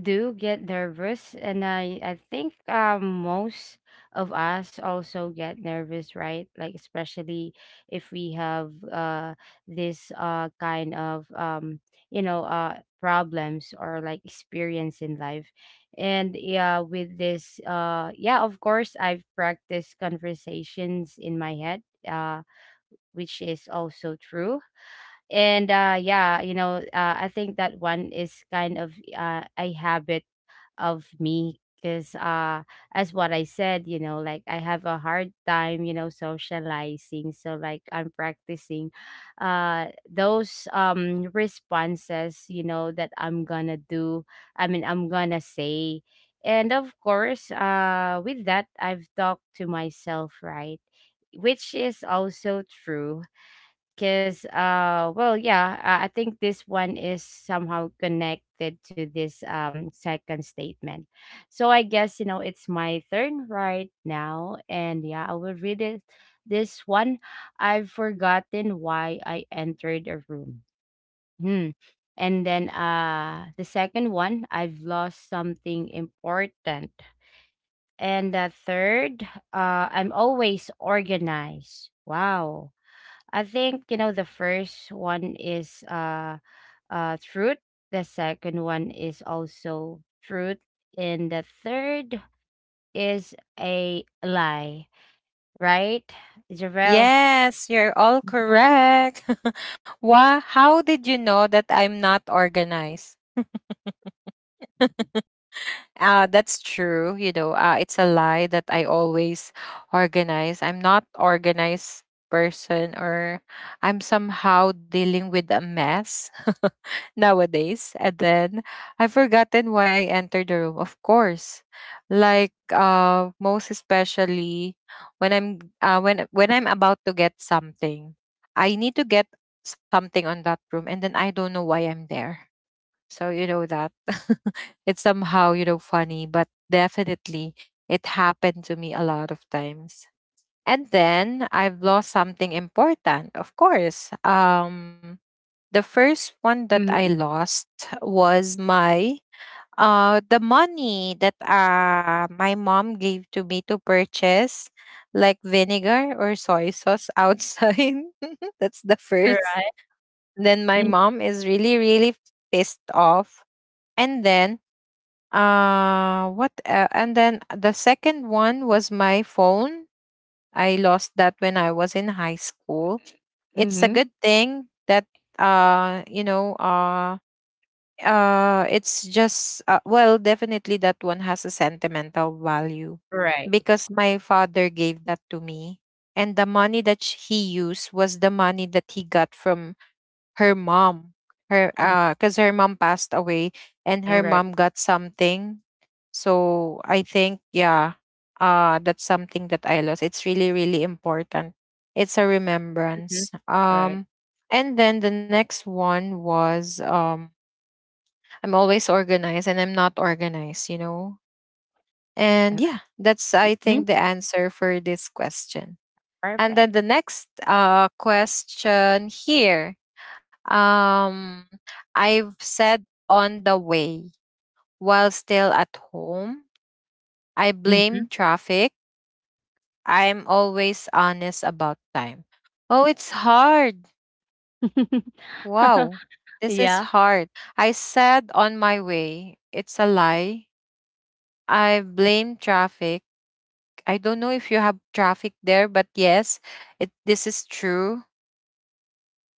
S2: do get nervous, and I think most of us also get nervous, right? Like, especially if we have this kind of you know problems or like experience in life. And yeah, with this yeah, of course, I've practiced conversations in my head. Uh which is also true. And yeah, you know, I think that one is kind of a habit of me, because as what I said, you know, like, I have a hard time, you know, socializing. So like, I'm practicing those responses, you know, that I'm gonna do. I mean, I'm gonna say. And of course, with that, I've talked to myself, right? Which is also true, because well, yeah, I think this one is somehow connected to this second statement. So I guess, you know, it's my turn right now, and yeah, I will read it. This one. I've forgotten why I entered a room. Hmm. And then the second one, I've lost something important. And the third, I'm always organized. Wow. I think, you know, the first one is truth. The second one is also truth, and the third is a lie. Right, Javel?
S1: Yes, you're all correct. [laughs] Why, how did you know that I'm not organized? [laughs] That's true. You know, it's a lie that I always organize. I'm not organized person, or I'm somehow dealing with a mess [laughs] nowadays. And then I've forgotten why I entered the room. Of course, like most especially when I'm when I'm about to get something, I need to get something on that room, and then I don't know why I'm there. So you know that [laughs] it's somehow, you know, funny, but definitely it happened to me a lot of times. And then I've lost something important, of course. The first one that I lost was my the money that my mom gave to me to purchase like vinegar or soy sauce outside. [laughs] That's the first.
S2: Right.
S1: Then my
S2: Mm,
S1: mom is really pissed off and then the second one was my phone. I lost that when I was in high school. It's a
S2: mhm.
S1: good thing that you know it's just well definitely that one has a sentimental value
S2: Right.
S1: because my father gave that to me, and the money that he used was the money that he got from her mom, her
S2: Mm,
S1: cuz her mom passed away and her
S2: alright.
S1: mom got something. So I think yeah, that's something that I lost. It's really important. It's a remembrance.
S2: Mhm. Right.
S1: And then the next one was I'm always organized and I'm not organized, you know? And
S2: Uh,
S1: yeah, that's, I
S2: mhm,
S1: think, the answer for this question. And then
S2: perfect.
S1: the next question here, um, I've said on the way while still at home. I blame
S2: Mhm.
S1: traffic. I'm always honest about time. Oh, it's hard. Wow.
S2: [laughs]
S1: This is
S2: Yeah.
S1: hard. I said on my way. It's a lie. I blame traffic. I don't know if you have traffic there, but yes, it this is true.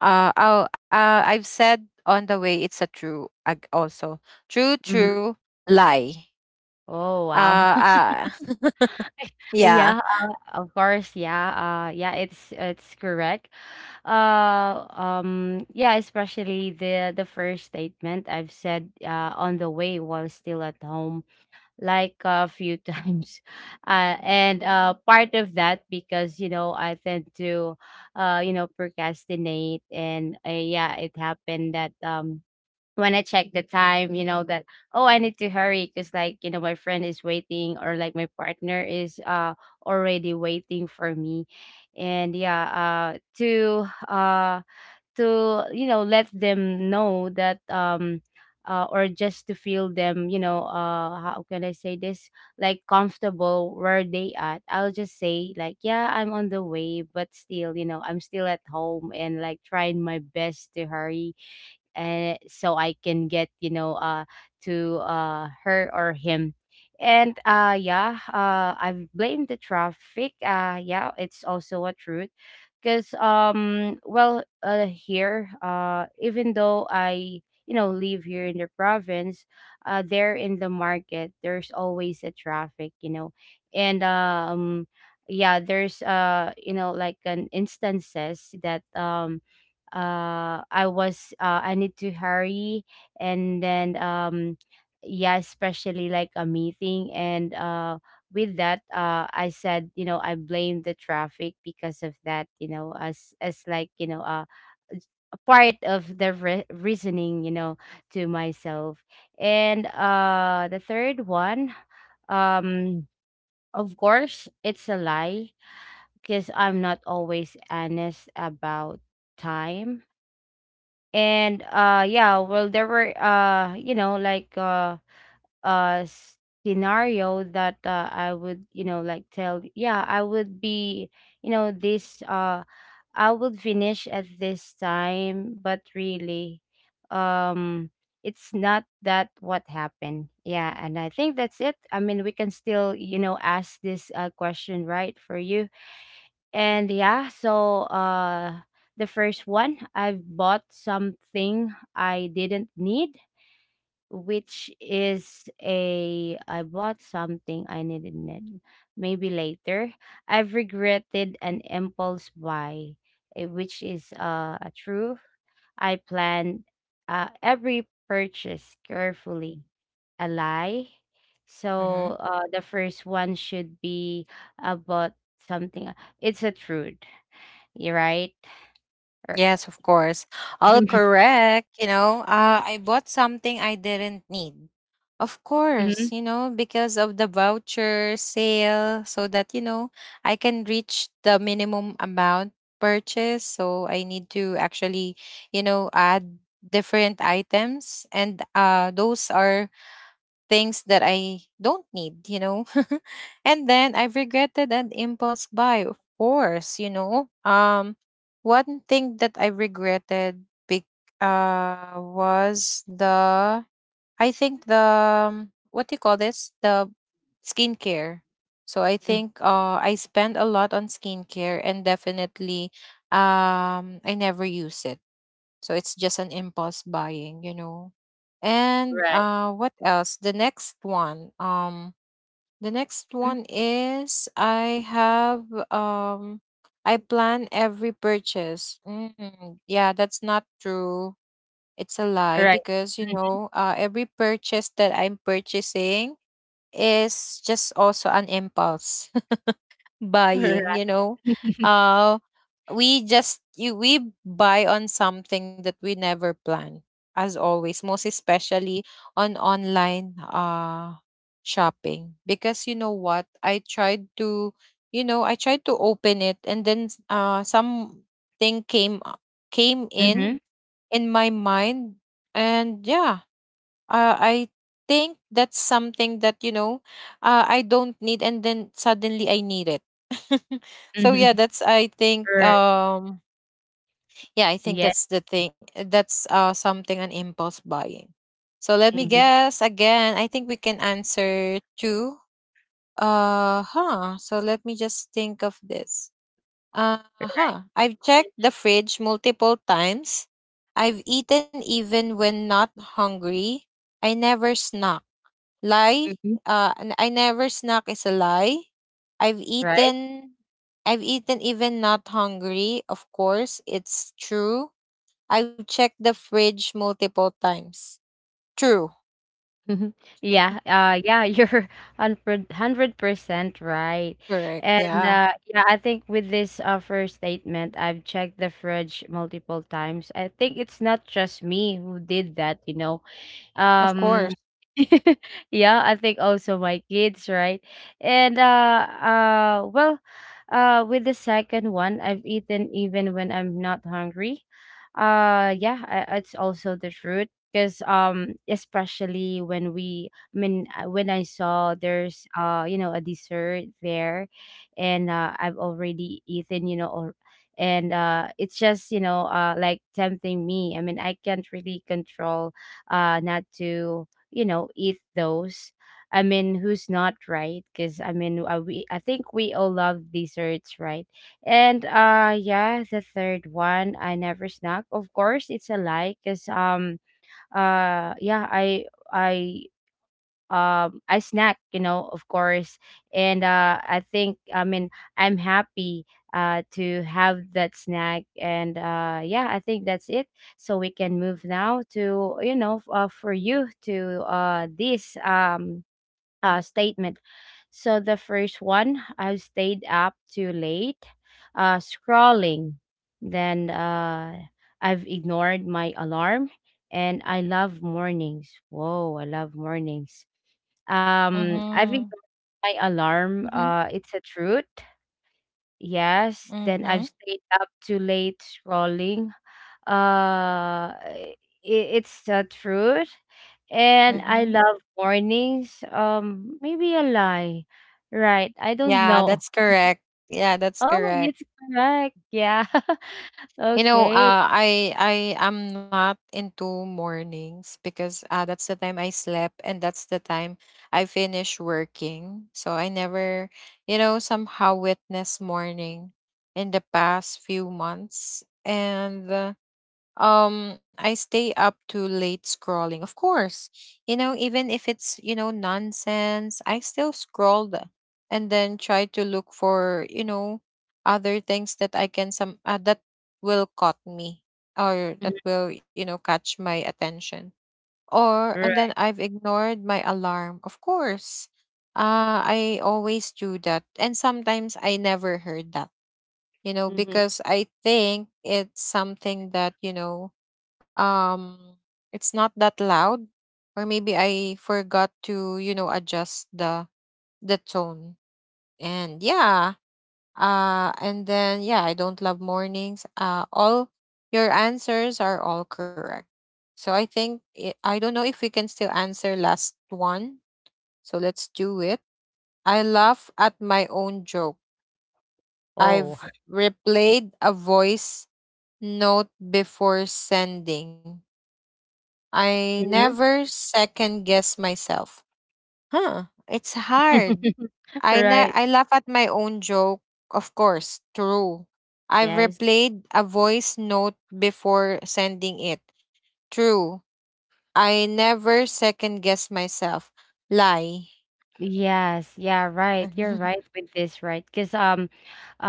S1: Oh, I've said on the way, it's a true also true
S2: Mhm.
S1: true lie.
S2: Oh, wow. [laughs]
S1: Uh, uh [laughs] yeah.
S2: Yeah, of course, yeah, yeah, it's correct. Yeah, especially the first statement, I've said, on the way while still at home. Like a few [laughs] times. And Part of that, because you know, I tend to you know, procrastinate, and yeah, it happened that when I check the time, you know, that oh, I need to hurry, because like, you know, my friend is waiting, or like, my partner is already waiting for me. And yeah To to, you know, let them know that or just to feel them, you know, how can I say this, like comfortable where they at. I'll just say like, yeah, I'm on the way, but still, you know, I'm still at home and like trying my best to hurry, so I can get, you know, to her or him. And yeah, I've blamed the traffic. Yeah, it's also a truth. Cause well, here, even though I, you know, live here in the province, there in the market, there's always a traffic, you know. And yeah, there's you know, like an instances that I was, I need to hurry, and then yeah, especially like a meeting, and with that, I said, you know, I blame the traffic because of that, you know, as like, you know, a part of the reasoning, you know, to myself. And the third one, um of course, it's a lie, because I'm not always honest about time. And yeah, well, there were you know, like uh scenario that I would, you know, like tell, yeah, I would be, you know, this I would finish at this time, but really um it's not that what happened. Yeah, and I think that's it. I mean, we can still, you know, ask this question, right, for you. And yeah, so the first one, I've bought something I didn't need, which is a, I bought something I didn't need. Maybe later. I've regretted an impulse buy, eh, which is a true. I planned every purchase carefully. A lie. So the first one should be about something, it's a truth, you're right. Er
S1: Yes, of course. All
S2: [laughs]
S1: correct. You know, I bought something I didn't need. Of course,
S2: mhm,
S1: you know, because of the voucher sale, so that, you know, I can reach the minimum amount purchase. So I need to actually, you know, add different items. And those are things that I don't need, you know. [laughs] And then I regretted an impulse buy, of course, you know. One thing that I regretted big was the I think the what do you call this? The skincare. So I
S2: mhm.
S1: think I spent a lot on skincare and definitely I never use it. So it's just an impulse buying, you know. And
S2: Right.
S1: uh, what else? The next one. The next
S2: Mm,
S1: one is I have um I plan every purchase. Mm, yeah, that's not true. It's a lie
S2: right.
S1: because you
S2: Mhm.
S1: know, every purchase that I'm purchasing is just also an impulse buying,
S2: Alright.
S1: you know. uh we just we buy on something that we never plan, as always, most especially on online shopping, because you know what, I tried to you know, I tried to open it and then something came in
S2: Mhm,
S1: in my mind. And yeah, I think that's something that you know, I don't need, and then suddenly I need it. [laughs] So
S2: mhm.
S1: yeah,
S2: [laughs]
S1: that's I think
S2: Right.
S1: yeah I think
S2: Yeah.
S1: that's the thing, that's something, an impulse buying. So let me
S2: Mhm.
S1: guess again. I think we can answer two. Uh huh. So let me just think of this. Uh
S2: Right.
S1: huh. I've checked the
S2: Mm,
S1: fridge multiple times. I've eaten even when not hungry. I never snack. Lie.
S2: mhm.
S1: I never snack is a lie. I've
S2: Right.
S1: eaten. I've eaten even not hungry. Of course, it's true. I've checked the fridge multiple times. True.
S2: Mhm. Yeah, yeah, you're [laughs] 100 100% right.
S1: Correct.
S2: And,
S1: Yeah.
S2: yeah, I think with this, first statement, I've checked the fridge multiple times. I think it's not just me who did that, you know.
S1: Of
S2: Um
S1: course.
S2: [laughs] yeah, I think also my kids, right? And well, with the second one, I've eaten even when I'm not hungry. Yeah, I, it's also the truth, because especially when we, I mean when I saw there's you know, a dessert there, and I've already eaten, you know, or and it's just, you know, like tempting me. I mean, I can't really control not to, you know, eat those. I mean, who's not, right? Because I mean, we, I think we all love desserts, right? And yeah, the third one, I never snack, of course. It's a lie, because yeah, i I snack, you know, of course. And I think, I mean, I'm happy to have that snack, and yeah, I think that's it. So we can move now to, you know, for you to this statement. So the first one, I stayed up too late scrolling. Then I've ignored my alarm, and I love mornings. Whoa, I love mornings. I've ignored
S1: Mhm.
S2: my alarm.
S1: Mhm.
S2: It's a truth. Yes. Then I've
S1: Mhm.
S2: stayed up too late scrolling. I It's a truth. And I
S1: Mhm.
S2: love mornings. Maybe a lie. Right. I don't
S1: Yeah,
S2: know.
S1: that's
S2: [laughs]
S1: correct. Yeah, that's
S2: Oh,
S1: correct.
S2: it's correct. Yeah. [laughs]
S1: You know,
S2: Okay.
S1: I am not into mornings because that's the time I slept and that's the time I finish working. So I never, you know, somehow witness morning in the past few months. And I stay up too late scrolling. Of course, you know, even if it's, you know, nonsense, I still scroll and then try to look for, you know, other things that I can some that will caught me, or that
S2: Mhm.
S1: will, you know, catch my attention. Or and then
S2: Right.
S1: I've ignored my alarm. Of course. I always do that. And sometimes I never heard that, you know,
S2: Hmm.
S1: because I think it's something that, you know, um, it's not that loud, or maybe I forgot to, you know, adjust the tone. And yeah, and then yeah, I don't love mornings. All your answers are all correct. So I think I don't know if we can still answer last one. So let's do it. I laugh at my own joke.
S2: Oh.
S1: I've
S2: [laughs]
S1: replayed a voice note before sending. I
S2: Mhm.
S1: never second guess myself. Huh, it's hard.
S2: [laughs]
S1: I
S2: Right.
S1: I laugh at my own joke, of course, true. I've
S2: Yes.
S1: replayed a voice note before sending it. True. I never second guess myself. Lie.
S2: Yes, yeah,
S1: [laughs]
S2: right. You're
S1: All
S2: right with this, right? Because um, uh,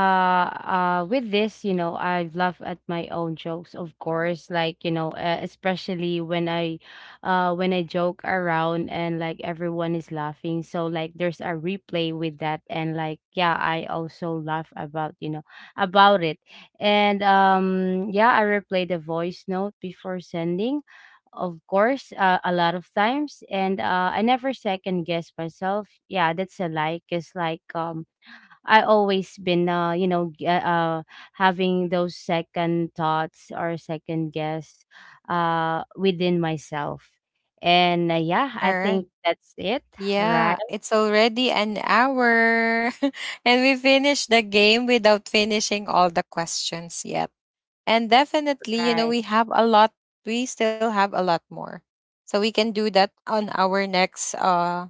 S2: uh, with this, you know, I laugh at my own jokes, of course. Like, you know, especially when I joke around and like, everyone is laughing. So like, there's a replay with that, and like, yeah, I also laugh about, you know, about it. And yeah, I replay the voice note before sending, of course, a lot of times, and I never second guess myself. Yeah, that's a lie. Cause like I always been you know, having those second thoughts or second guess, within myself, and yeah, I
S1: right.
S2: think that's it.
S1: Yeah,
S2: Right,
S1: it's already an hour. [laughs] And we finished the game without finishing all the questions yet. And definitely, you know,
S2: right.
S1: we have a lot, we still have a lot more. So we can do that on our next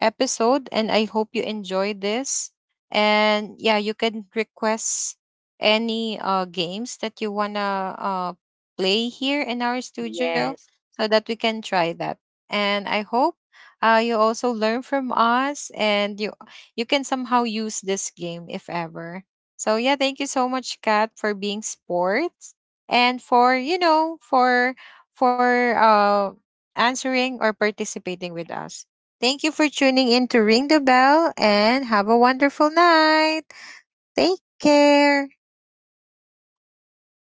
S1: episode. And I hope you enjoy this. And yeah, you can request any games that you want to play here in our studio
S2: Yes.
S1: so that we can try that. And I hope you also learn from us, and you can somehow use this game if ever. So yeah, thank you so much, Kat, for being sports and for you know, for answering or participating with us. Thank you for tuning in to Ring the Bell and have a wonderful night. Take care.